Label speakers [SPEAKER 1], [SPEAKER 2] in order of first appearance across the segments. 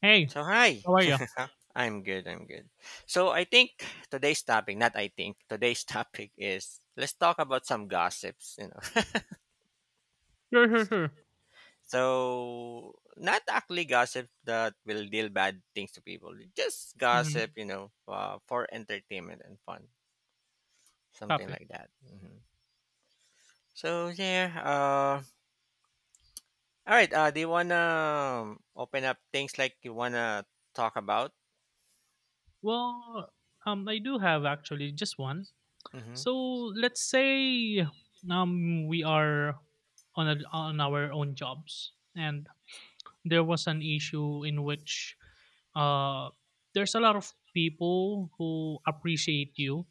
[SPEAKER 1] Hey,
[SPEAKER 2] So hi,
[SPEAKER 1] how are you?
[SPEAKER 2] I'm good. So I think today's topic, not I think today's topic is let's talk about some gossips. You know,
[SPEAKER 1] Sure, sure, sure.
[SPEAKER 2] so not actually gossip that will deal bad things to people, just
[SPEAKER 1] Mm-hmm.
[SPEAKER 2] gossip. For entertainment and fun, something
[SPEAKER 1] Copy.
[SPEAKER 2] like that. So yeah. All right. Do you wanna open up things like you wanna talk about?
[SPEAKER 1] Well, I do have actually just one.
[SPEAKER 2] Mm-hmm.
[SPEAKER 1] So let's say we are on on our own jobs, and there was an issue in which uh there's a lot of people who appreciate you,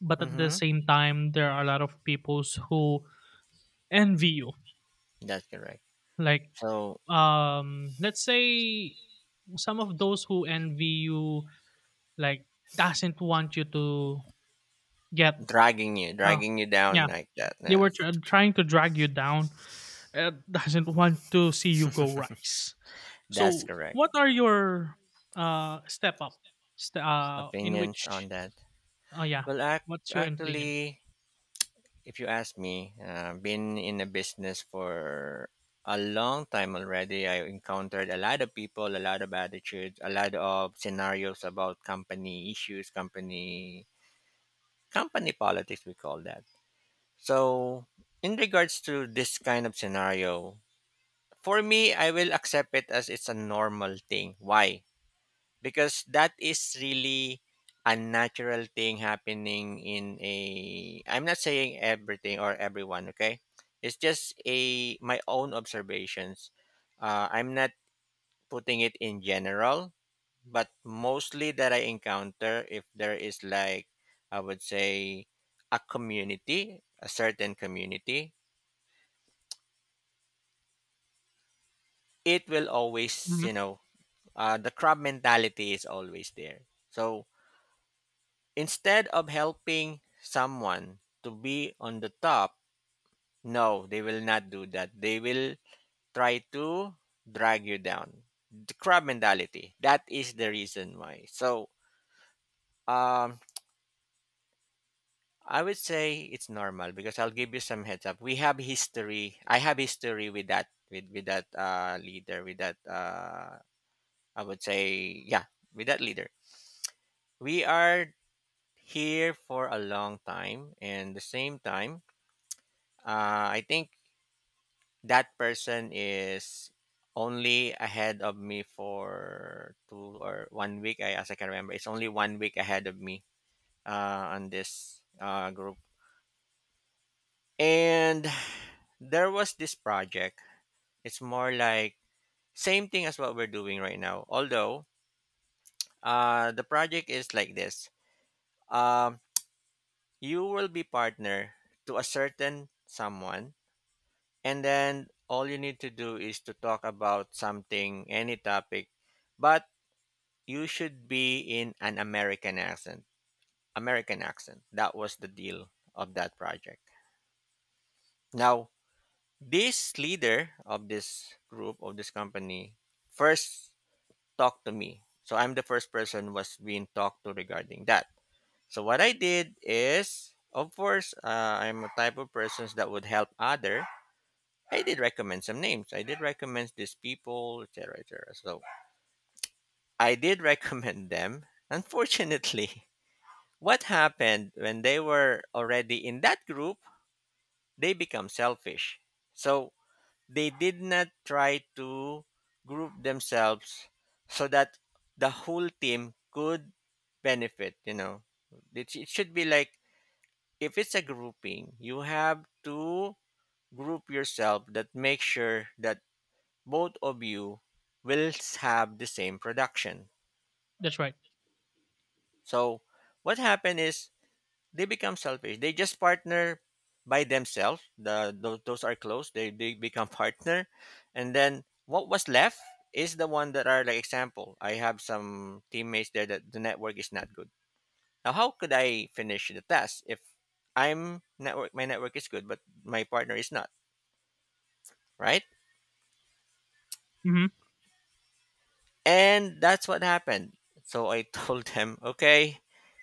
[SPEAKER 1] but at the
[SPEAKER 2] Mm-hmm.
[SPEAKER 1] same time there are a lot of peoples who envy you.
[SPEAKER 2] That's correct.
[SPEAKER 1] Like
[SPEAKER 2] So
[SPEAKER 1] let's say some of those who envy you Like, doesn't want you to get uh,
[SPEAKER 2] dragging you down
[SPEAKER 1] yeah,
[SPEAKER 2] like that.
[SPEAKER 1] they were
[SPEAKER 2] Yes,
[SPEAKER 1] trying to drag you down. Doesn't want to see you go rise.
[SPEAKER 2] that's
[SPEAKER 1] So,
[SPEAKER 2] correct.
[SPEAKER 1] what are your step up? In
[SPEAKER 2] Opinions
[SPEAKER 1] which?
[SPEAKER 2] on that?
[SPEAKER 1] Oh yeah.
[SPEAKER 2] Well, act,
[SPEAKER 1] What's your opinion?
[SPEAKER 2] actually, if you ask me, been in a business for a long time already. I encountered a lot of people, a lot of attitudes, a lot of scenarios about company issues, company politics. We call that. So, in regards to this kind of scenario, for me, I will accept it as it's a normal thing. Why? Because that is really a natural thing happening in a, I'm not saying everything or everyone, okay, it's just a my own observations. I'm not putting it in general, but mostly that I encounter, if there is like, I would say, a community, a certain community, it will always,
[SPEAKER 1] Hmm.
[SPEAKER 2] you know, the crab mentality is always there. So instead of helping someone to be on the top, no, they will not do that. They will try to drag you down. The crab mentality. That is the reason why. So, um, I would say it's normal because I'll give you some heads up. We have history. I have history with that, with that leader, with that I would say, yeah, with that leader. We are here for a long time, and the same time, I think that person is only ahead of me for 2 or 1 week. I, as I can remember, it's only 1 week ahead of me on this group, and there was this project. It's more like same thing as what we're doing right now, although the project is like this, um, you will be partner to a certain someone, and then all you need to do is to talk about something, any topic, but you should be in an American accent. American accent. That was the deal of that project. Now, this leader of this group of this company first talked to me. So I'm the first person was being talked to regarding that. So what I did is, of course, I'm a type of persons that would help other. I did recommend some names. I did recommend these people, etc., etc. So I did recommend them. Unfortunately, what happened when they were already in that group, they become selfish. So they did not try to group themselves so that the whole team could benefit, you know. It should be like, if it's a grouping, you have to group yourself, that make sure that both of you will have the same production.
[SPEAKER 1] That's right.
[SPEAKER 2] So what happened is, they become selfish. They just partner by themselves. Those are close. They become partner, and then what was left is the one that are like, example, I have some teammates there that the network is not good. Now, how could I finish the task if I'm network? My network is good, but my partner is not, right?
[SPEAKER 1] Hmm.
[SPEAKER 2] And that's what happened. So I told them, okay.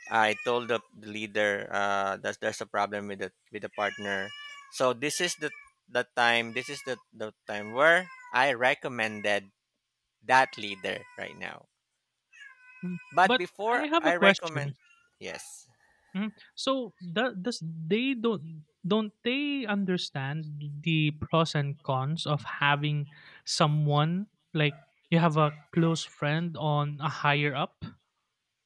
[SPEAKER 2] I told the leader that there's a problem with the partner. So this is the time. This is the time where I recommended that leader right now. But
[SPEAKER 1] But
[SPEAKER 2] before
[SPEAKER 1] I have
[SPEAKER 2] I
[SPEAKER 1] a
[SPEAKER 2] recommend,
[SPEAKER 1] question.
[SPEAKER 2] yes,
[SPEAKER 1] Mhm. So the does they don't they understand the pros and cons of having someone like you have a close friend on a higher up?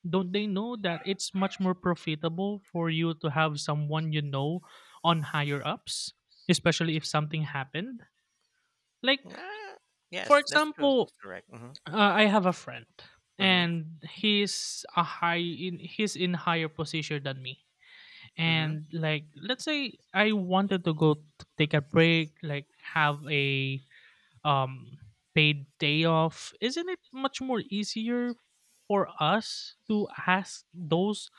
[SPEAKER 1] Don't they know that it's much more profitable for you to have someone you know on higher ups, especially if something happened? Like
[SPEAKER 2] ah,
[SPEAKER 1] for
[SPEAKER 2] yes, that's true.
[SPEAKER 1] example,
[SPEAKER 2] That's correct.
[SPEAKER 1] I have a friend,
[SPEAKER 2] Hmm
[SPEAKER 1] and he's a high in he's in higher position than me,
[SPEAKER 2] hmm
[SPEAKER 1] and like let's say I wanted to take a break, like have a um paid day off. Isn't it much more easier for us to ask those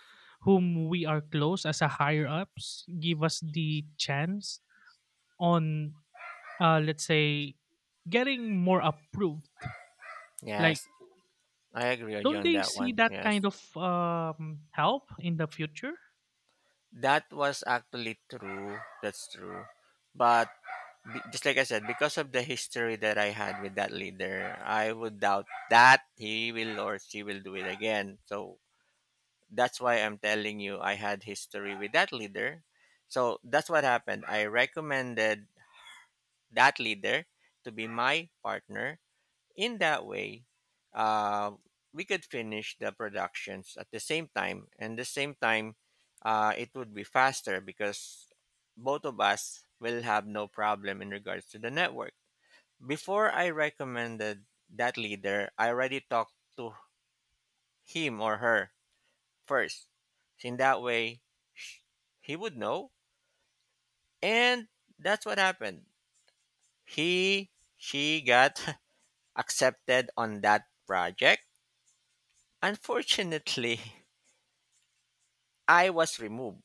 [SPEAKER 1] whom we are close as a higher ups, give us the chance on let's say getting more approved, like
[SPEAKER 2] Yes, I agree with you
[SPEAKER 1] don't
[SPEAKER 2] on
[SPEAKER 1] they
[SPEAKER 2] that
[SPEAKER 1] see
[SPEAKER 2] one.
[SPEAKER 1] that kind
[SPEAKER 2] Yes,
[SPEAKER 1] of help in the future?
[SPEAKER 2] that was actually true. That's true. But just like I said, because of the history that I had with that leader, I would doubt that he will or she will do it again. So that's why I'm telling you, I had history with that leader. So that's what happened. I recommended that leader to be my partner. In that way, uh, we could finish the productions at the same time, and the same time, it would be faster because both of us will have no problem in regards to the network. Before I recommended that leader, I already talked to him or her first. So in that way, sh- he would know. And that's what happened. He, she got accepted on that project. Unfortunately, I was removed.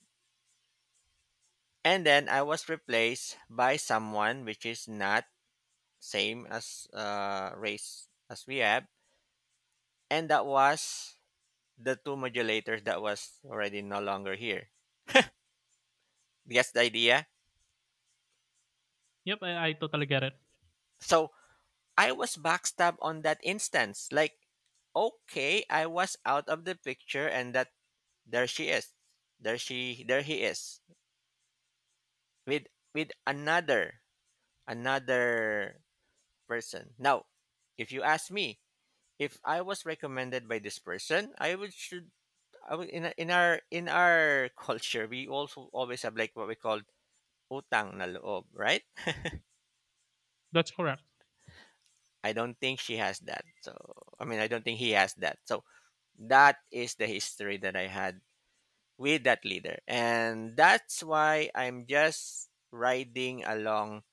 [SPEAKER 2] And then I was replaced by someone which is not same as race as we have. And that was the two modulators that was already no longer here. Guess the idea?
[SPEAKER 1] I totally get it.
[SPEAKER 2] So I was backstabbed on that instance. Like, okay, I was out of the picture, and that there she is. There he is. With another another person. Now, if you ask me, if I was recommended by this person, I would, in our culture, we also always have like what we call utang na loob, right?
[SPEAKER 1] That's correct,
[SPEAKER 2] I don't think she has that. So I mean, I don't think he has that. So that is the history that I had with that leader. And that's why I'm just riding along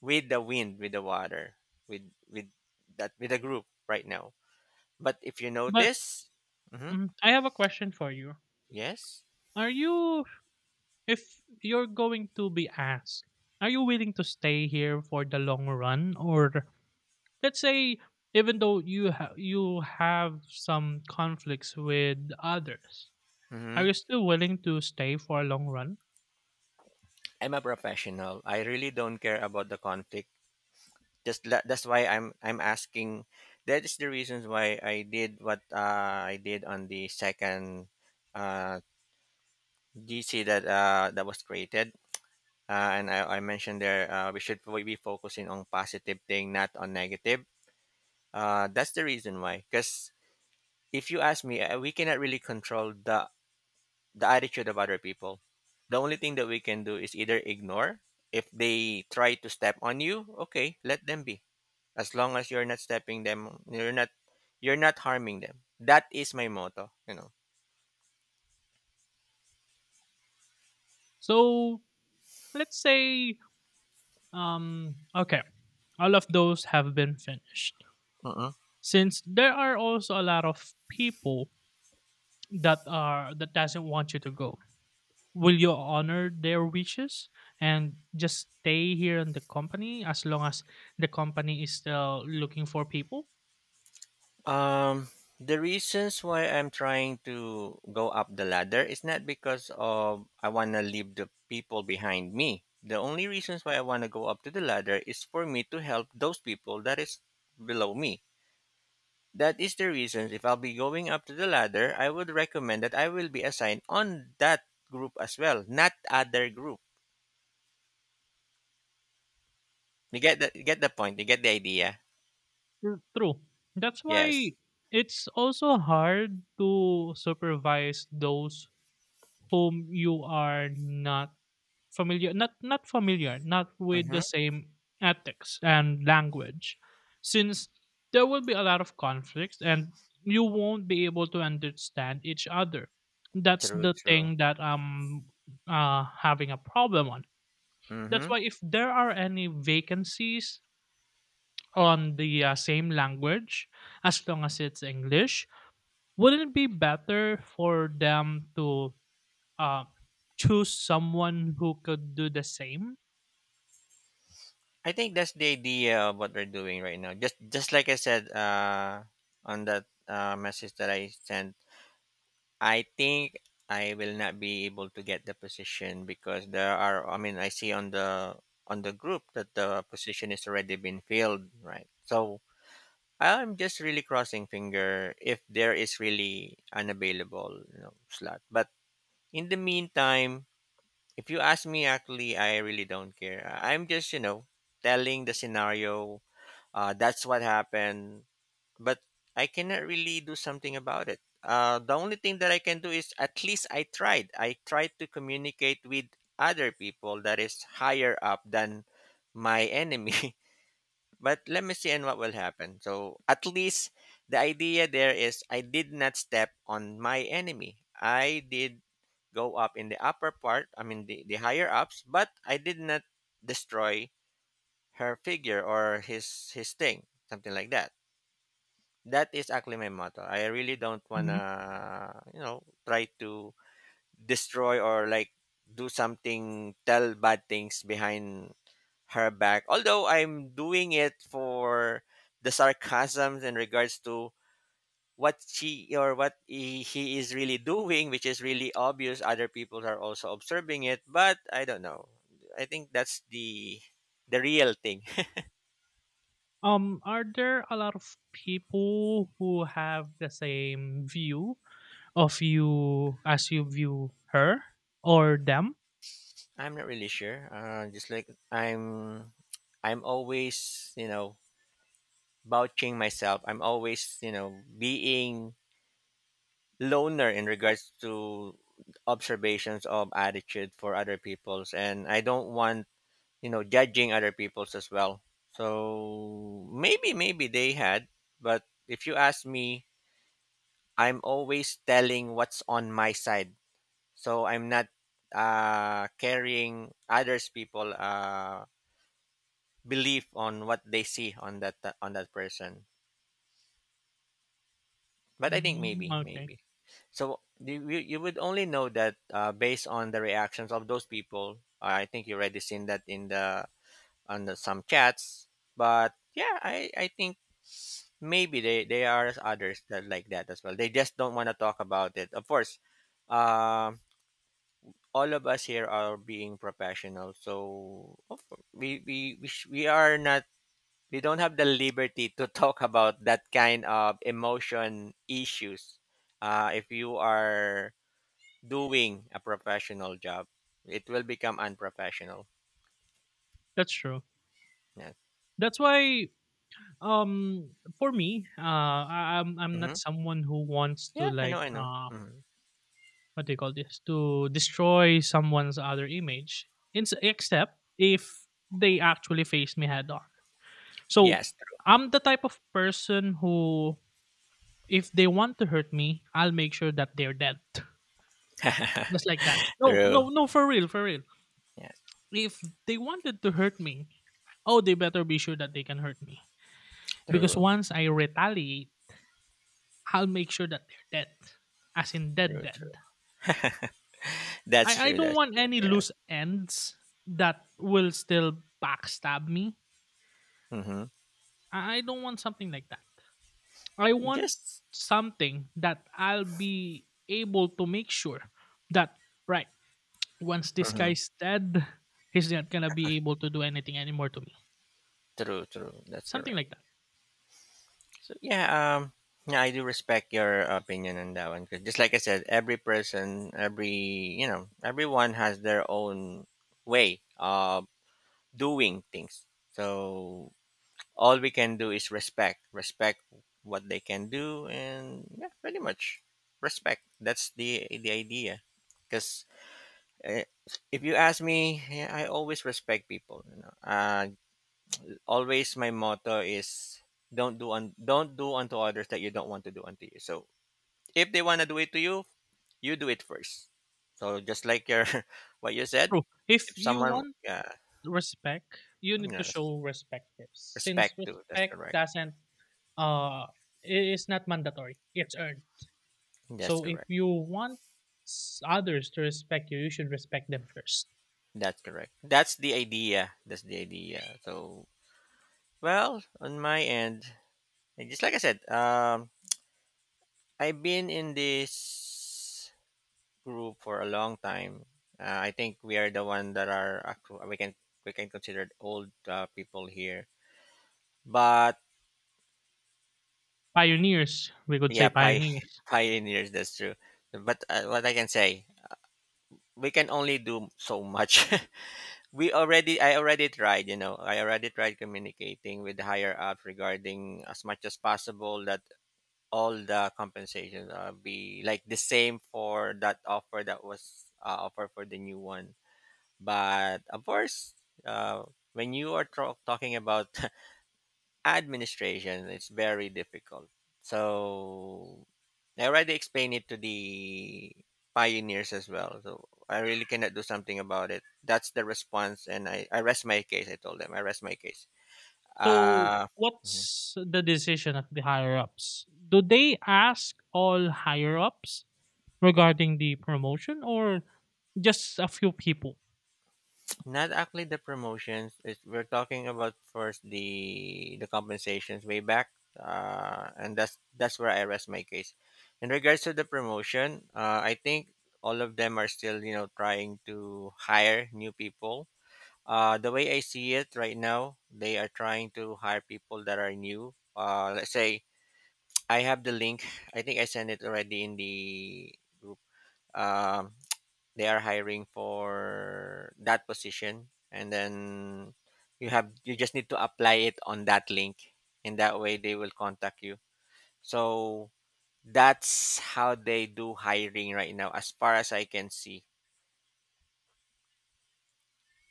[SPEAKER 2] with the wind, with the water, with that, with the group right now. But if you
[SPEAKER 1] but.
[SPEAKER 2] notice, hmm
[SPEAKER 1] Mhm. I have a question for you.
[SPEAKER 2] yes,
[SPEAKER 1] Are you, if you're going to be asked, are you willing to stay here for the long run, or let's say, even though you you have some conflicts with others, are
[SPEAKER 2] hmm
[SPEAKER 1] you still willing to stay for a long run?
[SPEAKER 2] I'm a professional. I really don't care about the conflict. Just that's why I'm asking. That is the reasons why I did what I did on the second uh, GC that that was created. And I mentioned there, we should be focusing on positive thing, not on negative. That's the reason why. Because if you ask me, we cannot really control the attitude of other people. The only thing that we can do is either ignore. If they try to step on you, okay, let them be. As long as you're not stepping them, you're not, you're not harming them. That is my motto.
[SPEAKER 1] So let's say, okay, all of those have been finished.
[SPEAKER 2] Know.
[SPEAKER 1] Since there are also a lot of people that are that doesn't want you to go, will you honor their wishes and just stay here in the company as long as the company is still looking for people?
[SPEAKER 2] Um, the reasons why I'm trying to go up the ladder is not because of I want to leave the people behind me. The only reasons why I want to go up to the ladder is for me to help those people that is below me. That is the reason, if I'll be going up to the ladder, I would recommend that I will be assigned on that group as well, not other group. You get the, you get the point, you get the idea.
[SPEAKER 1] Mm. True. That's
[SPEAKER 2] Yes.
[SPEAKER 1] why it's also hard to supervise those whom you are not Familiar not not familiar, not with the
[SPEAKER 2] Mhm.
[SPEAKER 1] same ethics and language. Since there will be a lot of conflicts and you won't be able to understand each other. That's
[SPEAKER 2] True,
[SPEAKER 1] the
[SPEAKER 2] true.
[SPEAKER 1] thing that I'm having a problem on. That's
[SPEAKER 2] Mhm.
[SPEAKER 1] why if there are any vacancies on the same language, as long as it's English, wouldn't it be better for them to uh, choose someone who could do the same?
[SPEAKER 2] I think that's the idea of what we're doing right now. Just like I said, on that message that I sent, I think I will not be able to get the position because there are. I mean, I see on the group that the position is already been filled, right? So I'm just really crossing finger if there is really an available, you know, slot. But in the meantime, if you ask me, actually, I really don't care. I'm just, you know, telling the scenario, that's what happened. But I cannot really do something about it. The only thing that I can do is at least I tried. I tried to communicate with other people that is higher up than my enemy. But let me see and what will happen. So at least the idea there is, I did not step on my enemy. I did go up in the upper part, I mean the higher ups, but I did not destroy her figure or his thing, something like that. That is actually my motto. I really don't
[SPEAKER 1] Mhm.
[SPEAKER 2] wanna, you know, try to destroy or like do something, tell bad things behind her back. Although I'm doing it for the sarcasms in regards to what she or what he is really doing, which is really obvious. Other people are also observing it, but I don't know. I think that's the real thing.
[SPEAKER 1] Are there a lot of people who have the same view of you as you view her or them?
[SPEAKER 2] I'm not really sure. Just like I'm always, you know, vouching myself. I'm always, you know, being loner in regards to observations of attitude for other people's, and I don't want, you know, judging other people's as well. So maybe they had, but if you ask me, I'm always telling what's on my side. So I'm not carrying others people belief on what they see on that, on that person. But I think
[SPEAKER 1] Mm,
[SPEAKER 2] maybe,
[SPEAKER 1] okay,
[SPEAKER 2] maybe. So you would only know that based on the reactions of those people. I think you already seen that in the, on the, some chats. But yeah, I think maybe, they are others that like that as well. They just don't want to talk about it. Of course, um, all of us here are being professional, so of cour- we, sh- we are not we don't have the liberty to talk about that kind of emotion issues if you are doing a professional job, it will become unprofessional.
[SPEAKER 1] that's true.
[SPEAKER 2] Yeah.
[SPEAKER 1] That's why, um, for me, I'm not
[SPEAKER 2] Hmm.
[SPEAKER 1] someone who wants to
[SPEAKER 2] Yeah, I know,
[SPEAKER 1] like
[SPEAKER 2] I know. Hmm.
[SPEAKER 1] what do you call this, to destroy someone's other image in, except if they actually face me head on. So
[SPEAKER 2] Yes.
[SPEAKER 1] I'm the type of person who, if they want to hurt me, I'll make sure that they're dead. Just like that. No,
[SPEAKER 2] True.
[SPEAKER 1] no, no, for real, for real.
[SPEAKER 2] Yes.
[SPEAKER 1] If they wanted to hurt me, oh, they better be sure that they can hurt me, because
[SPEAKER 2] True,
[SPEAKER 1] once I retaliate, I'll make sure that they're dead, as in dead
[SPEAKER 2] true.
[SPEAKER 1] dead.
[SPEAKER 2] True. That's
[SPEAKER 1] I
[SPEAKER 2] true,
[SPEAKER 1] don't
[SPEAKER 2] that's
[SPEAKER 1] want
[SPEAKER 2] true.
[SPEAKER 1] any
[SPEAKER 2] Yes.
[SPEAKER 1] loose ends that will still backstab me.
[SPEAKER 2] Hmm.
[SPEAKER 1] I don't want something like that. I want
[SPEAKER 2] Just
[SPEAKER 1] something that I'll be able to make sure that, right, once this
[SPEAKER 2] hmm.
[SPEAKER 1] guy's dead, he's not going to be able to do anything anymore to me.
[SPEAKER 2] True, true, that's
[SPEAKER 1] Something
[SPEAKER 2] correct.
[SPEAKER 1] like that.
[SPEAKER 2] So yeah, um, yeah, I do respect your opinion on that one, 'cause just like I said, every person, every you know, everyone has their own way of doing things. So all we can do is respect, respect what they can do, and yeah, pretty much respect. That's the idea. Because uh, if you ask me, yeah, I always respect people. Always my motto is don't do unto others that you don't want to do unto you. So if they want to do it to you, you do it first. So just like your what you said,
[SPEAKER 1] Bro, if
[SPEAKER 2] if
[SPEAKER 1] you
[SPEAKER 2] someone,
[SPEAKER 1] want
[SPEAKER 2] yeah,
[SPEAKER 1] respect, you need to
[SPEAKER 2] yes,
[SPEAKER 1] show respect tips. Since
[SPEAKER 2] respect to, that's
[SPEAKER 1] respect
[SPEAKER 2] correct.
[SPEAKER 1] doesn't, uh, i- is not mandatory, it's earned.
[SPEAKER 2] That's
[SPEAKER 1] So if
[SPEAKER 2] correct.
[SPEAKER 1] you want others to respect you, you should respect them first.
[SPEAKER 2] That's correct. That's the idea. That's the idea. So well, on my end, and just like I said, I've been in this group for a long time. I think we are the one that we can consider old people here. But
[SPEAKER 1] Pioneers, we could
[SPEAKER 2] yeah,
[SPEAKER 1] say pioneers.
[SPEAKER 2] pioneers. That's true. But what I can say, we can only do so much. we already I already tried. You know, I already tried communicating with higher up regarding as much as possible that all the compensations be like the same for that offer that was offered for the new one. But of course, uh, when you are talking about administration, it's very difficult. So I already explained it to the pioneers as well. So I really cannot do something about it. That's the response, and I rest my case. I told them I rest my case.
[SPEAKER 1] So
[SPEAKER 2] Uh,
[SPEAKER 1] what's the decision of the higher ups? Do they ask all higher ups regarding the promotion or just a few people?
[SPEAKER 2] Not actually the promotions. It's, we're talking about first the compensations way back, and that's where I rest my case. In regards to the promotion, I think all of them are still, you know, trying to hire new people. The way I see it right now, they are trying to hire people that are new. Let's say I have the link. I think I sent it already in the group. Um, they are hiring for that position, and then you just need to apply it on that link. In that way they will contact you. So that's how they do hiring right now, as far as I can see.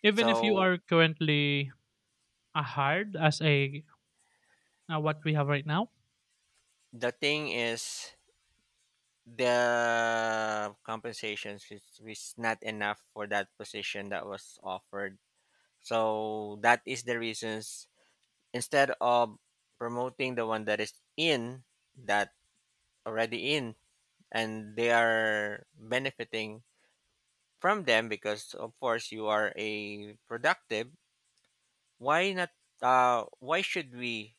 [SPEAKER 1] Even if you
[SPEAKER 2] So
[SPEAKER 1] are currently a hired as a what we have right now.
[SPEAKER 2] the thing is, the compensations is not enough for that position that was offered. So that is the reasons, instead of promoting the one that is in that already in, and they are benefiting from them. Because of course you are a productive, why not? Uh, why should we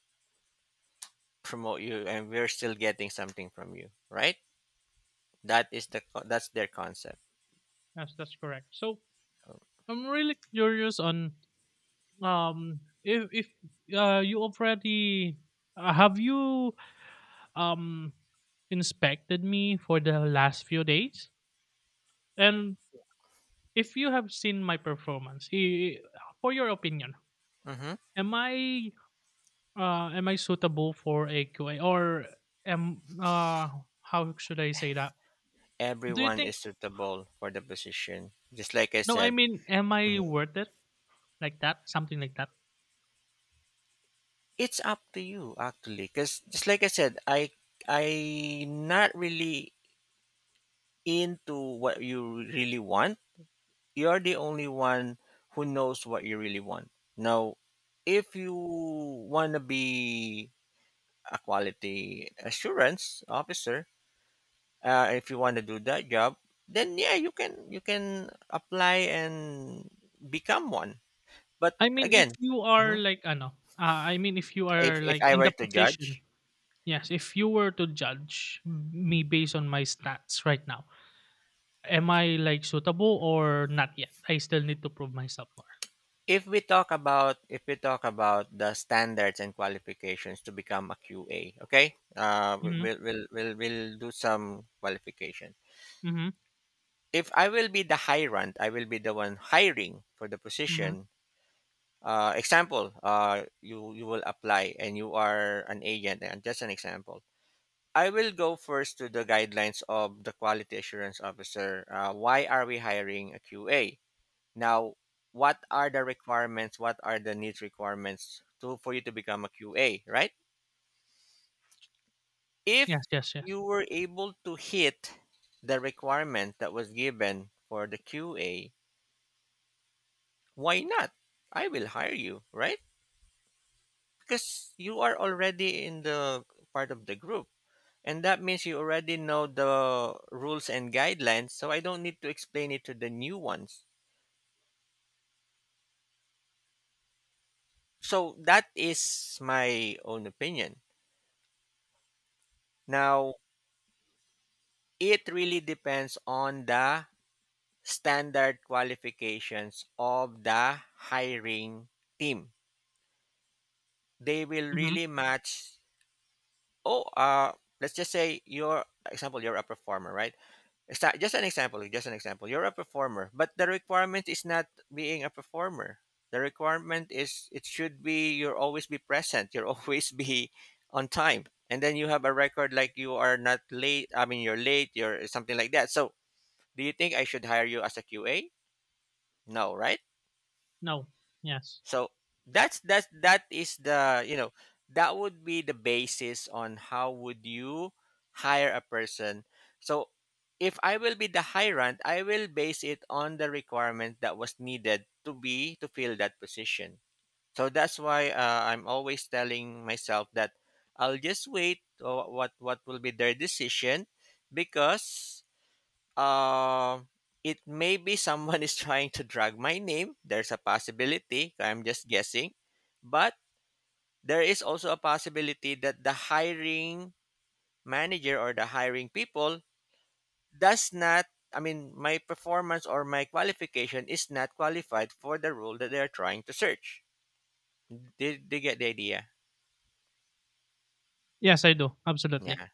[SPEAKER 2] promote you and we're still getting something from you, right? That is the that's their concept.
[SPEAKER 1] Yes, that's correct. So I'm really curious on if you already have you um inspected me for the last few days, and if you have seen my performance, for your opinion,
[SPEAKER 2] Hmm.
[SPEAKER 1] am I am I suitable for a QA, or am how should I say that? Do you
[SPEAKER 2] Everyone is
[SPEAKER 1] think?
[SPEAKER 2] suitable for the position, just like I
[SPEAKER 1] No, I
[SPEAKER 2] said.
[SPEAKER 1] mean, am
[SPEAKER 2] Mhm.
[SPEAKER 1] I worth it? Like that, something like that.
[SPEAKER 2] It's up to you actually, because just like I said, I not really into what you really want. You're the only one who knows what you really want. Now, if you want to be a quality assurance officer, if you want to do that job, then yeah, you can, you can apply and become one. But
[SPEAKER 1] I mean, if
[SPEAKER 2] again,
[SPEAKER 1] you are
[SPEAKER 2] mhm,
[SPEAKER 1] like, ano, I mean, if you are
[SPEAKER 2] if
[SPEAKER 1] like
[SPEAKER 2] I
[SPEAKER 1] in
[SPEAKER 2] were
[SPEAKER 1] the
[SPEAKER 2] to
[SPEAKER 1] position.
[SPEAKER 2] judge,
[SPEAKER 1] Yes, if you were to judge me based on my stats right now, am I like suitable or not yet? I still need to prove myself more.
[SPEAKER 2] if we talk about if we talk about the standards and qualifications to become a QA, okay,
[SPEAKER 1] Mm-hmm.
[SPEAKER 2] we'll do some qualification.
[SPEAKER 1] Mm-hmm.
[SPEAKER 2] If I will be the hirant, I will be the one hiring for the
[SPEAKER 1] Mm-hmm.
[SPEAKER 2] position. Example, you will apply and you are an agent, and just an example. I will go first to the guidelines of the quality assurance officer. Why are we hiring a QA? Now, what are the requirements? What are the needs requirements to for you to become a QA, right? If
[SPEAKER 1] Yes, yes, yes.
[SPEAKER 2] you were able to hit the requirement that was given for the QA, why not? I will hire you, right? Because you are already in the part of the group. And that means you already know the rules and guidelines, so I don't need to explain it to the new ones. So that is my own opinion. Now, it really depends on the standard qualifications of the hiring team. They will
[SPEAKER 1] Mm-hmm.
[SPEAKER 2] really match. Oh, let's just say you're, example, you're a performer, right? Just an example, eh, just an example. You're a performer, but the requirement is not being a performer. The requirement is it should be you're always be present, you're always be on time. And then you have a record like you are not late, I mean you're late, you're something like that. So, do you think I should hire you as a QA? No, right?
[SPEAKER 1] No. Yes.
[SPEAKER 2] So that is the, you know, that would be the basis on how would you hire a person. So if I will be the hirant, I will base it on the requirement that was needed to be to fill that position. So that's why I'm always telling myself that I'll just wait what will be their decision. Because um, it may be someone is trying to drag my name. There's a possibility. I'm just guessing. But there is also a possibility that the hiring manager or the hiring people does not, I mean, my performance or my qualification is not qualified for the role that they're trying to search. Did they get the idea?
[SPEAKER 1] Yes, I do. Absolutely.
[SPEAKER 2] Yeah.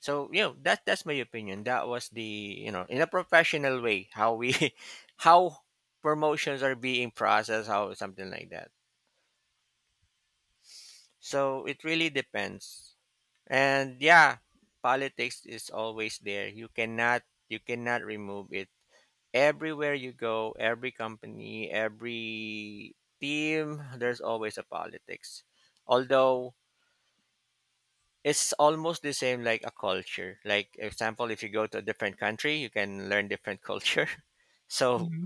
[SPEAKER 2] So you know that that's my opinion. That was the, you know, in a professional way how we how promotions are being processed, how something like that. So it really depends. And yeah, politics is always there. You cannot, you cannot remove it. Everywhere you go, every company, every team, there's always a politics. Although it's almost the same like a culture. Like example, if you go to a different country, you can learn different culture. So
[SPEAKER 1] Hmm.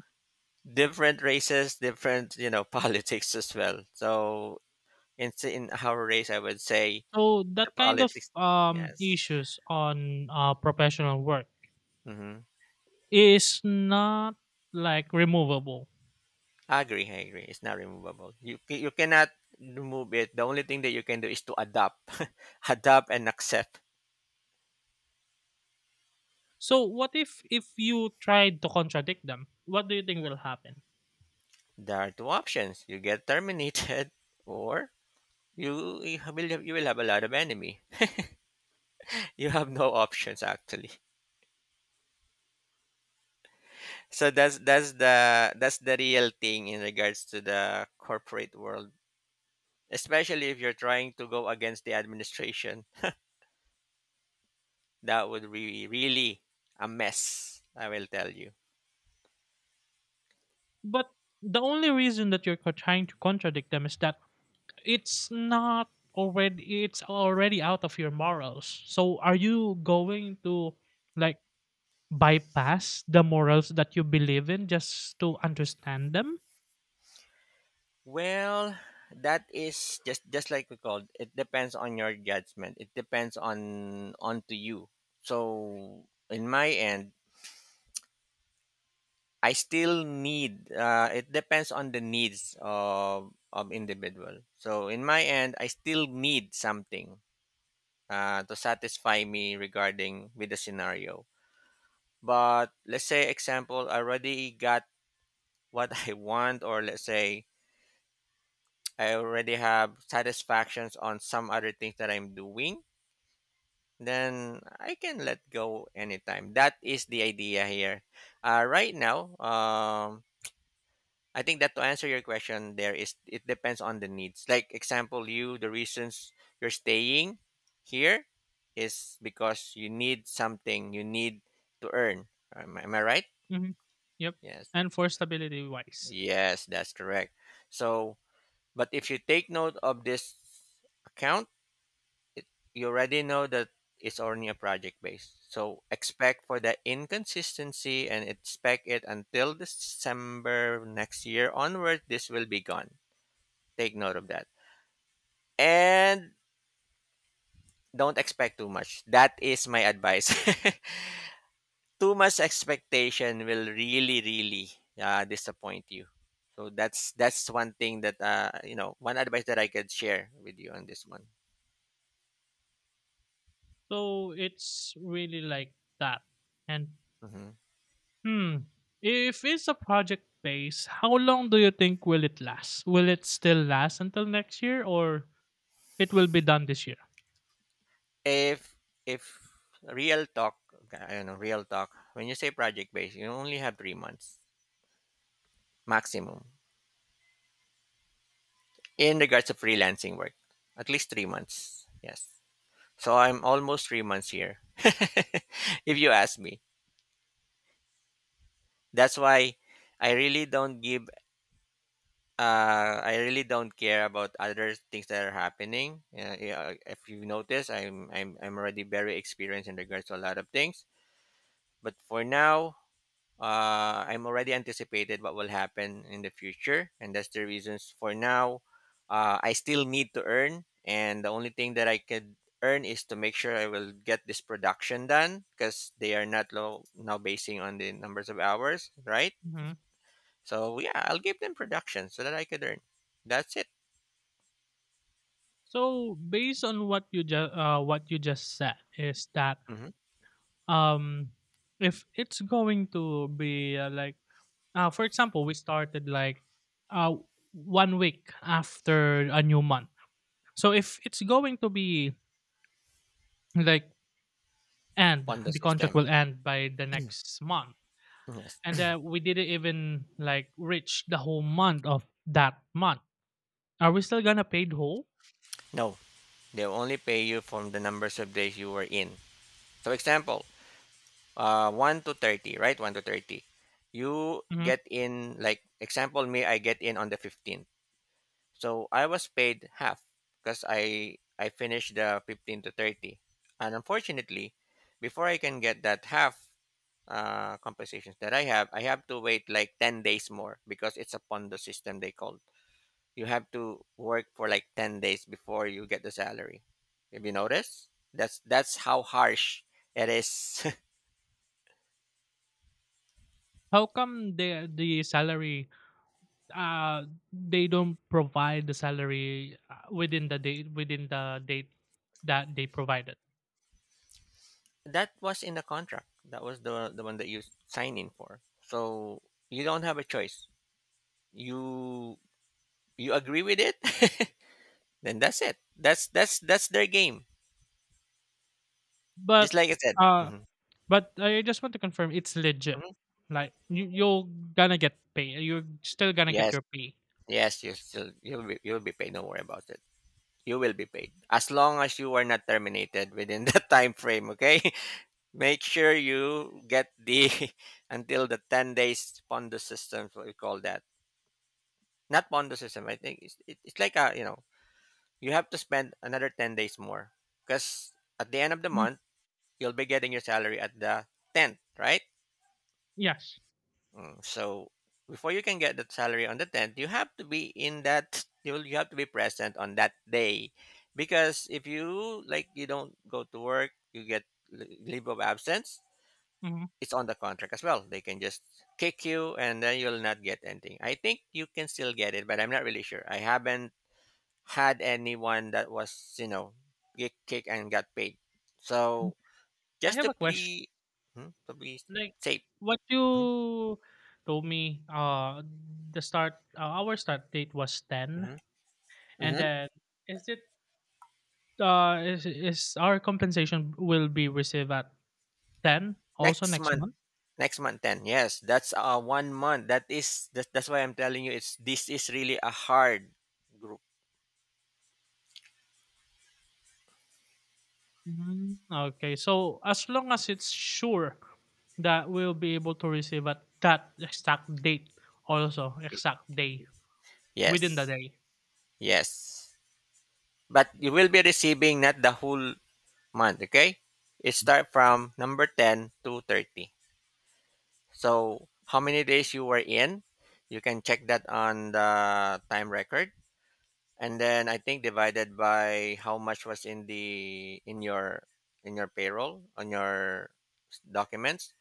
[SPEAKER 2] different races, different, you know, politics as well. So in our race, I would say
[SPEAKER 1] So that
[SPEAKER 2] the
[SPEAKER 1] kind of
[SPEAKER 2] politics. Yes,
[SPEAKER 1] issues on professional work
[SPEAKER 2] mm-hmm.
[SPEAKER 1] is not like removable.
[SPEAKER 2] I agree. I agree. It's not removable. You cannot remove it. The only thing that you can do is to adapt, adapt and accept.
[SPEAKER 1] So what if you try to contradict them? What do you think will happen?
[SPEAKER 2] There are two options: you get terminated, or you will have a lot of enemy. You have no options actually. So that's the real thing in regards to the corporate world. Especially if you're trying to go against the administration, that would be really a mess, I will tell you.
[SPEAKER 1] But the only reason that you're trying to contradict them is that it's not already it's already out of your morals. So are you going to like bypass the morals that you believe in just to understand them?
[SPEAKER 2] Well, that is just like we called. It depends on your judgment. It depends on to you. So in my end, I still need. It depends on the needs of individual. So in my end, I still need something to satisfy me regarding with the scenario. But let's say example, I already got what I want, or let's say I already have satisfactions on some other things that I'm doing. Then I can let go anytime. That is the idea here. Right now, I think that to answer your question, there is, it depends on the needs. Like example, you, the reasons you're staying here is because you need something, you need to earn. Am I right?
[SPEAKER 1] Hmm. Yep.
[SPEAKER 2] Yes,
[SPEAKER 1] And for stability wise.
[SPEAKER 2] yes, that's correct. So, but if you take note of this account, you already know that it's only a project base. So expect for the inconsistency, and expect it until December next year onward. This will be gone. Take note of that. And don't expect too much. That is my advice. Too much expectation will really, really disappoint you. So that's one thing that you know, one advice that I could share with you on this one.
[SPEAKER 1] So it's really like that. And
[SPEAKER 2] Mhm.
[SPEAKER 1] hmm, if it's a project base, how long do you think will it last? Will it still last until next year, or it will be done this year?
[SPEAKER 2] If if real talk, I don't know, real talk. When you say project based, you only have 3 months maximum in regards to freelancing work. At least 3 months. Yes. So I'm almost 3 months here. If you ask me, that's why I really don't give. I really don't care about other things that are happening. Yeah, if you notice, I'm already very experienced in regards to a lot of things. But for now, I'm already anticipated what will happen in the future, and that's the reasons. For now, I still need to earn, and the only thing that I could earn is to make sure I will get this production done because they are not low now basing on the numbers of hours, right?
[SPEAKER 1] Mhm.
[SPEAKER 2] So yeah, I'll give them production so that I could earn. That's it.
[SPEAKER 1] So based on what you just said is that
[SPEAKER 2] Mm-hmm.
[SPEAKER 1] um if it's going to be like for example we started like uh 1 week after a new month. So if it's going to be like end
[SPEAKER 2] Ponda
[SPEAKER 1] the contract
[SPEAKER 2] system.
[SPEAKER 1] will end by the next month,
[SPEAKER 2] Yes.
[SPEAKER 1] and we didn't even like reach the whole month of that month. Are we still gonna pay the whole?
[SPEAKER 2] No, they only pay you from the numbers of days you were in. So example, 1 to 30, right? 1 to 30. You
[SPEAKER 1] Mhm.
[SPEAKER 2] get in like example me, I get in on the 15th. So I was paid half because I finished the 15 to 30. And unfortunately, before I can get that half, compensations that I have to wait like 10 days more because it's a Pondo system, they called. You have to work for like 10 days before you get the salary. Have you noticed? That's how harsh it is.
[SPEAKER 1] How come the salary uh they don't provide the salary within the date that they provided?
[SPEAKER 2] That was in the contract. That was the one that you sign in for. So you don't have a choice. You you agree with it, then that's it. That's their game. Just
[SPEAKER 1] But
[SPEAKER 2] like I said.
[SPEAKER 1] uh
[SPEAKER 2] Hmm.
[SPEAKER 1] But I just want to confirm it's legit.
[SPEAKER 2] Hmm.
[SPEAKER 1] Like you you're gonna get pay. You're still gonna get
[SPEAKER 2] Yes,
[SPEAKER 1] your pay.
[SPEAKER 2] yes, you still you'll be paid. Don't worry about it. You will be paid as long as you are not terminated within that time frame, okay? Make sure you get the until the 10 days pondo system, what we call that. Not pondo system, I think it's like a, you have to spend another 10 days more because at the end of the
[SPEAKER 1] Mhm.
[SPEAKER 2] month you'll be getting your salary at the 10th, right?
[SPEAKER 1] Yes.
[SPEAKER 2] So before you can get that salary on the tenth, you have to be in that. You have to be present on that day, because if you like you don't go to work, you get leave of absence.
[SPEAKER 1] Hmm.
[SPEAKER 2] It's on the contract as well. They can just kick you, and then you'll not get anything. I think you can still get it, but I'm not really sure. I haven't had anyone that was you know get kicked and got paid. So
[SPEAKER 1] I
[SPEAKER 2] just
[SPEAKER 1] have
[SPEAKER 2] to
[SPEAKER 1] a question.
[SPEAKER 2] be, to be
[SPEAKER 1] Like
[SPEAKER 2] safe.
[SPEAKER 1] what
[SPEAKER 2] Hmm.
[SPEAKER 1] you told me, the start our start date was ten.
[SPEAKER 2] Hmm.
[SPEAKER 1] And
[SPEAKER 2] Hmm.
[SPEAKER 1] then is it is our compensation will be received at 10 also
[SPEAKER 2] Next
[SPEAKER 1] next
[SPEAKER 2] month.
[SPEAKER 1] month?
[SPEAKER 2] Next month 10. Yes, that's one month. That's why I'm telling you it's this is really a hard group.
[SPEAKER 1] Mm, okay. So as long as it's sure that we'll be able to receive at that exact date, also exact day within the
[SPEAKER 2] Yes.
[SPEAKER 1] day.
[SPEAKER 2] Yes. But you will be receiving not the whole month, okay? It start from number 10 to 30. So, how many days you were in? You can check that on the time record and then I think divided by how much was in your payroll on your documents.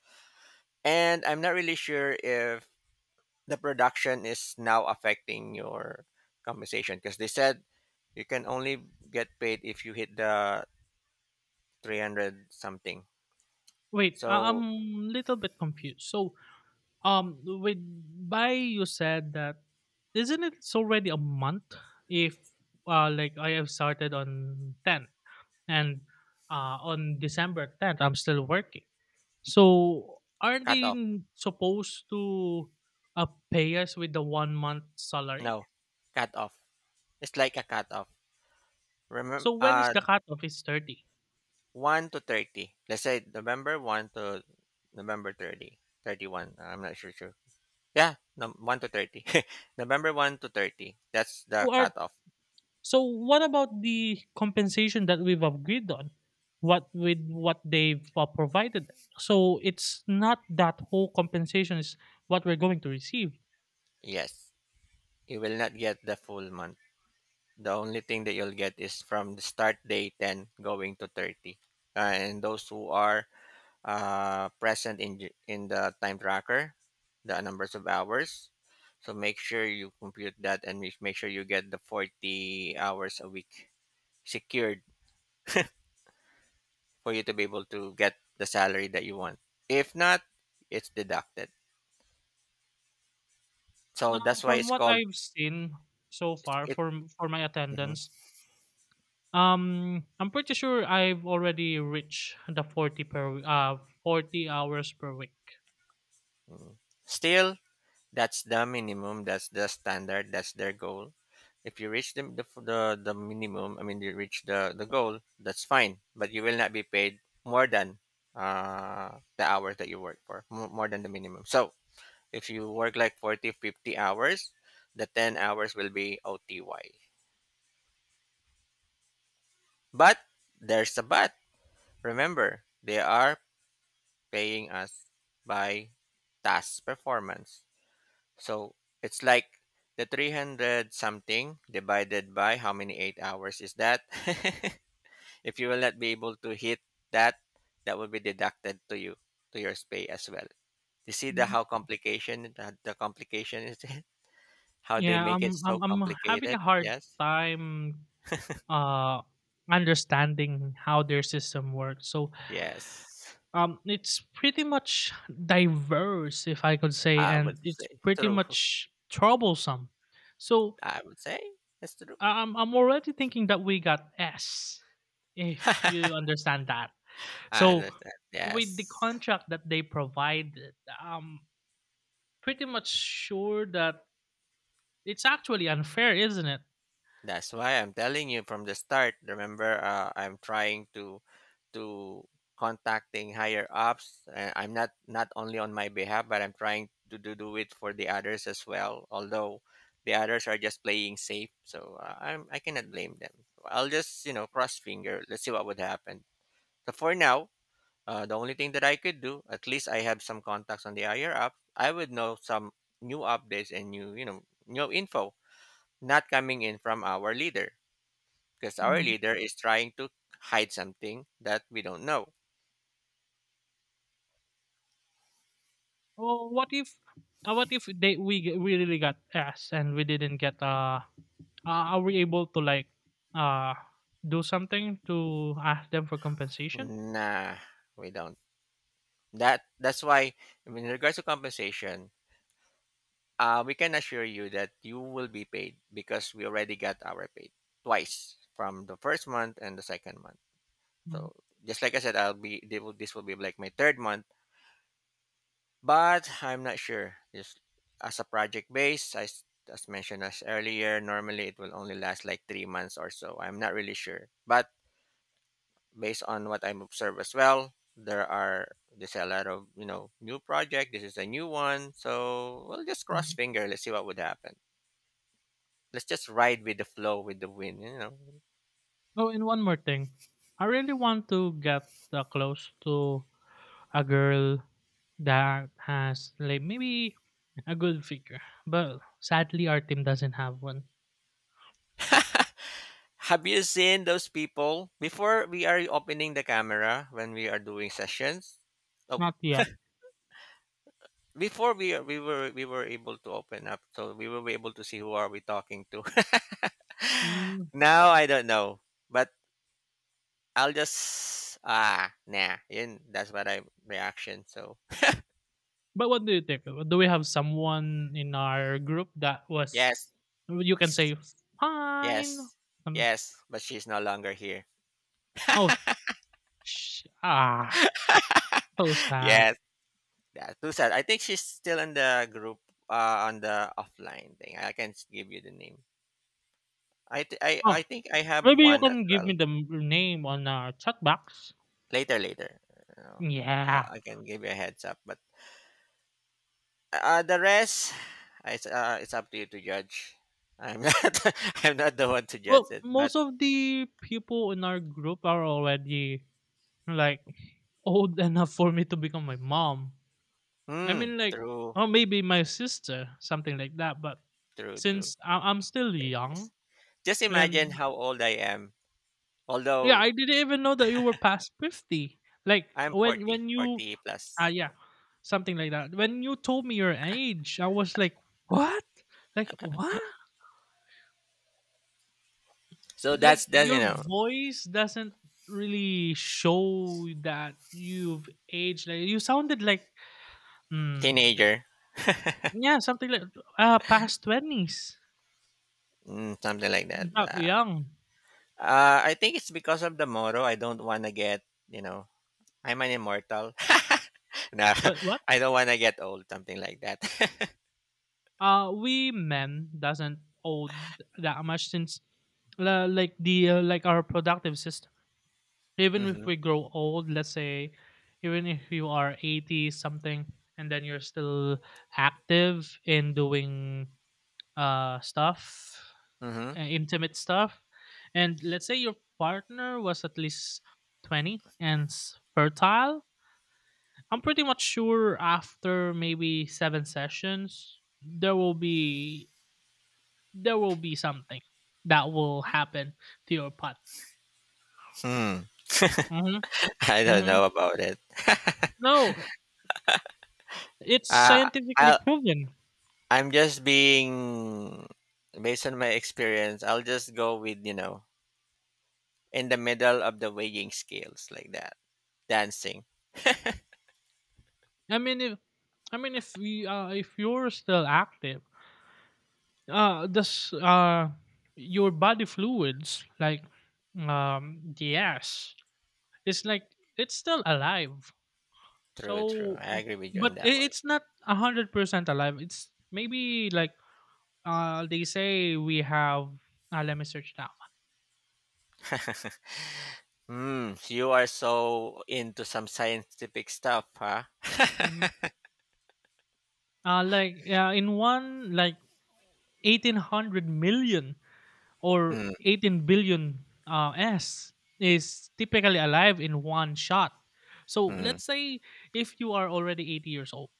[SPEAKER 2] And I'm not really sure if the production is now affecting your compensation because they said you can only get paid if you hit the 300 something.
[SPEAKER 1] Wait,
[SPEAKER 2] So
[SPEAKER 1] I'm little bit confused. So with by you said that isn't it it's already a month, if like I have started on 10, and on December 10th, I'm still working. So aren't
[SPEAKER 2] cut
[SPEAKER 1] they
[SPEAKER 2] off.
[SPEAKER 1] supposed to pay us with the 1 month salary?
[SPEAKER 2] No, cut off. It's like a cut off. Remember,
[SPEAKER 1] So when is the cutoff? Is 30.
[SPEAKER 2] 1 to 30. Let's say November 1 to November 30, 31. I'm not sure. Yeah, no, 1 to 30. November 1 to 30. That's the
[SPEAKER 1] So are,
[SPEAKER 2] cut off.
[SPEAKER 1] so what about the compensation that we've agreed on? What with what they've provided? So it's not that whole compensation is what we're going to receive.
[SPEAKER 2] Yes. You will not get the full month. The only thing that you'll get is from the start date and going to 30. And those who are present in in the time tracker, the numbers of hours, so make sure you compute that and make sure you get the 40 hours a week secured for you to be able to get the salary that you want. If not, it's deducted. So
[SPEAKER 1] Uh,
[SPEAKER 2] that's why
[SPEAKER 1] from
[SPEAKER 2] it's
[SPEAKER 1] what
[SPEAKER 2] called
[SPEAKER 1] I've seen so far
[SPEAKER 2] it.
[SPEAKER 1] for my
[SPEAKER 2] Mhm,
[SPEAKER 1] attendance, I'm pretty sure I've already reached the 40 40 hours per week.
[SPEAKER 2] mhm. Still, that's the minimum. That's the standard. That's their goal. If you reach the minimum, I mean, you reach the goal, that's fine. But you will not be paid more than the hours that you work for, more than the minimum. So if you work like 40, 50 hours, the 10 hours will be OTY. But there's a but. Remember, they are paying us by task performance. So it's like the 300 something divided by how many 8 hours is that? If you will not be able to hit that, that will be deducted to you, to your pay as well. You see the
[SPEAKER 1] Mm.
[SPEAKER 2] how complication, the complication is, how they
[SPEAKER 1] Yeah,
[SPEAKER 2] make it so
[SPEAKER 1] I'm having a
[SPEAKER 2] complicated.
[SPEAKER 1] hard
[SPEAKER 2] Yes.
[SPEAKER 1] time uh understanding how their system works. So,
[SPEAKER 2] Yes.
[SPEAKER 1] it's pretty much diverse if I could say,
[SPEAKER 2] I would
[SPEAKER 1] and
[SPEAKER 2] say
[SPEAKER 1] it's pretty
[SPEAKER 2] true.
[SPEAKER 1] much troublesome. So,
[SPEAKER 2] I would say that's true.
[SPEAKER 1] I'm already thinking that we got S, if you understand that.
[SPEAKER 2] I
[SPEAKER 1] So
[SPEAKER 2] understand.
[SPEAKER 1] with the
[SPEAKER 2] Yes.
[SPEAKER 1] contract that they provide, I'm pretty much sure that it's actually unfair, isn't it?
[SPEAKER 2] That's why I'm telling you from the start. Remember, I'm trying to contacting higher ups. I'm not only on my behalf, but I'm trying to do it for the others as well. Although the others are just playing safe, so I cannot blame them. I'll just cross finger. Let's see what would happen. So for now, the only thing that I could do, at least I have some contacts on the higher ups. I would know some new updates and new new info not coming in from our leader because our
[SPEAKER 1] Hmm.
[SPEAKER 2] leader is trying to hide something that we don't know.
[SPEAKER 1] Well, what if they we really got asked and we didn't get are we able to like uh do something to ask them for compensation?
[SPEAKER 2] Nah, we don't. That's why in regards to compensation, we can assure you that you will be paid because we already got our paid twice from the first month and the second month.
[SPEAKER 1] Hmm.
[SPEAKER 2] So just like I said, I'll be they will, this will be like my third month, but I'm not sure. Just as a project base, as mentioned as earlier, normally it will only last like 3 months or so. I'm not really sure, but based on what I'm observed as well, there's a lot of new project. This is a new one, so we'll just cross
[SPEAKER 1] Hmm.
[SPEAKER 2] finger. Let's see what would happen. Let's just ride with the flow, with the wind.
[SPEAKER 1] Oh, and one more thing, I really want to get close to a girl that has like maybe a good figure. But sadly, our team doesn't have one.
[SPEAKER 2] Have you seen those people before we are opening the camera when we are doing sessions? Oh,
[SPEAKER 1] Not yet.
[SPEAKER 2] before we were able to open up, so we were able to see who are we talking to.
[SPEAKER 1] Mm.
[SPEAKER 2] Now I don't know, but I'll just nah. Yun, that's what I reaction. So
[SPEAKER 1] But what do you think? Do we have someone in our group that was
[SPEAKER 2] yes,
[SPEAKER 1] you can
[SPEAKER 2] it's-
[SPEAKER 1] say fine?
[SPEAKER 2] yes,
[SPEAKER 1] Um,
[SPEAKER 2] yes. But she's no longer here.
[SPEAKER 1] oh, sh- ah, so sad.
[SPEAKER 2] Yes, yeah, too sad. I think she's still in the group, on the offline thing. I can give you the name. I
[SPEAKER 1] Oh,
[SPEAKER 2] think I have
[SPEAKER 1] maybe you
[SPEAKER 2] one as
[SPEAKER 1] can give
[SPEAKER 2] well.
[SPEAKER 1] me the name on our chat box.
[SPEAKER 2] Later, later. You know,
[SPEAKER 1] Yeah.
[SPEAKER 2] I can give you a heads up. But the rest, it's up to you to judge. I'm not I'm not the one to judge
[SPEAKER 1] Well,
[SPEAKER 2] it. But
[SPEAKER 1] most of the people in our group are already like old enough for me to become my mom. I mean, like,
[SPEAKER 2] true,
[SPEAKER 1] or maybe my sister, something like that. But
[SPEAKER 2] true, true.
[SPEAKER 1] since I'm still
[SPEAKER 2] Yes.
[SPEAKER 1] young,
[SPEAKER 2] Just imagine
[SPEAKER 1] and
[SPEAKER 2] how old I am.
[SPEAKER 1] yeah,
[SPEAKER 2] Although
[SPEAKER 1] I didn't even know that you were past 50. Like
[SPEAKER 2] I'm forty
[SPEAKER 1] when you,
[SPEAKER 2] forty
[SPEAKER 1] ah,
[SPEAKER 2] plus.
[SPEAKER 1] yeah,
[SPEAKER 2] Yeah.
[SPEAKER 1] something like that. When you told me your age, I was like, what? Like what?
[SPEAKER 2] So that's
[SPEAKER 1] Like
[SPEAKER 2] that's
[SPEAKER 1] your voice doesn't really show that you've aged. Like you sounded like, mm,
[SPEAKER 2] teenager,
[SPEAKER 1] yeah, something like past twenties,
[SPEAKER 2] something like that.
[SPEAKER 1] not young.
[SPEAKER 2] I think it's because of the motto. I don't want to get, you know I'm an immortal. No,
[SPEAKER 1] What?
[SPEAKER 2] I don't want to get old. Something like that.
[SPEAKER 1] Uh, we men doesn't owe that much, since like the like our productive system. Even if
[SPEAKER 2] Mm-hmm.
[SPEAKER 1] we grow old, let's say even if you are 80 something and then you're still active in doing stuff,
[SPEAKER 2] Mm-hmm.
[SPEAKER 1] intimate stuff, and let's say your partner was at least 20 and fertile, I'm pretty much sure after maybe seven sessions there will be something that will happen to your partner.
[SPEAKER 2] Hmm.
[SPEAKER 1] Mhm,
[SPEAKER 2] I don't
[SPEAKER 1] mhm.
[SPEAKER 2] know about it.
[SPEAKER 1] No, it's
[SPEAKER 2] Uh,
[SPEAKER 1] scientifically
[SPEAKER 2] I'll,
[SPEAKER 1] proven.
[SPEAKER 2] I'm just being based on my experience. I'll just go with in the middle of the weighing scales like that dancing.
[SPEAKER 1] I mean, if I mean, if we, if you're still active, uh, this, uh, your body fluids, like, the ass, it's like it's still alive.
[SPEAKER 2] True, true,
[SPEAKER 1] So,
[SPEAKER 2] I agree with you on
[SPEAKER 1] but
[SPEAKER 2] that one.
[SPEAKER 1] it's not 100% alive. It's maybe like, they say we have. Let me search that.
[SPEAKER 2] You are so into some scientific stuff, huh?
[SPEAKER 1] In one like 1800 million or
[SPEAKER 2] Hmm.
[SPEAKER 1] 18 billion s is typically alive in one shot. So
[SPEAKER 2] Hmm.
[SPEAKER 1] let's say if you are already 80 years old,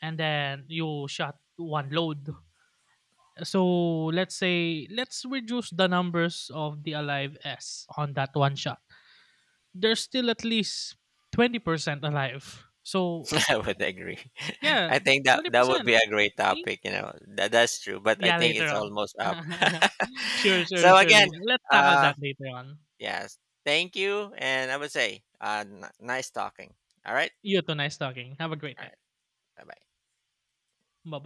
[SPEAKER 1] and then you shot one load. So let's say let's reduce the numbers of the alive s on that one shot, there's still at least 20% alive. So
[SPEAKER 2] I would agree.
[SPEAKER 1] yeah,
[SPEAKER 2] I think that that would
[SPEAKER 1] 20%,
[SPEAKER 2] be a great
[SPEAKER 1] see.
[SPEAKER 2] topic. That's true, but I
[SPEAKER 1] Yeah,
[SPEAKER 2] think
[SPEAKER 1] later
[SPEAKER 2] it's
[SPEAKER 1] on.
[SPEAKER 2] almost up.
[SPEAKER 1] Sure, sure,
[SPEAKER 2] So
[SPEAKER 1] sure,
[SPEAKER 2] again,
[SPEAKER 1] later. Let's tackle
[SPEAKER 2] uh
[SPEAKER 1] that later on.
[SPEAKER 2] yes, thank you and I would say nice talking. All right?
[SPEAKER 1] You too, nice talking. Have a great
[SPEAKER 2] All
[SPEAKER 1] day.
[SPEAKER 2] right. Bye-bye.
[SPEAKER 1] Bye-bye.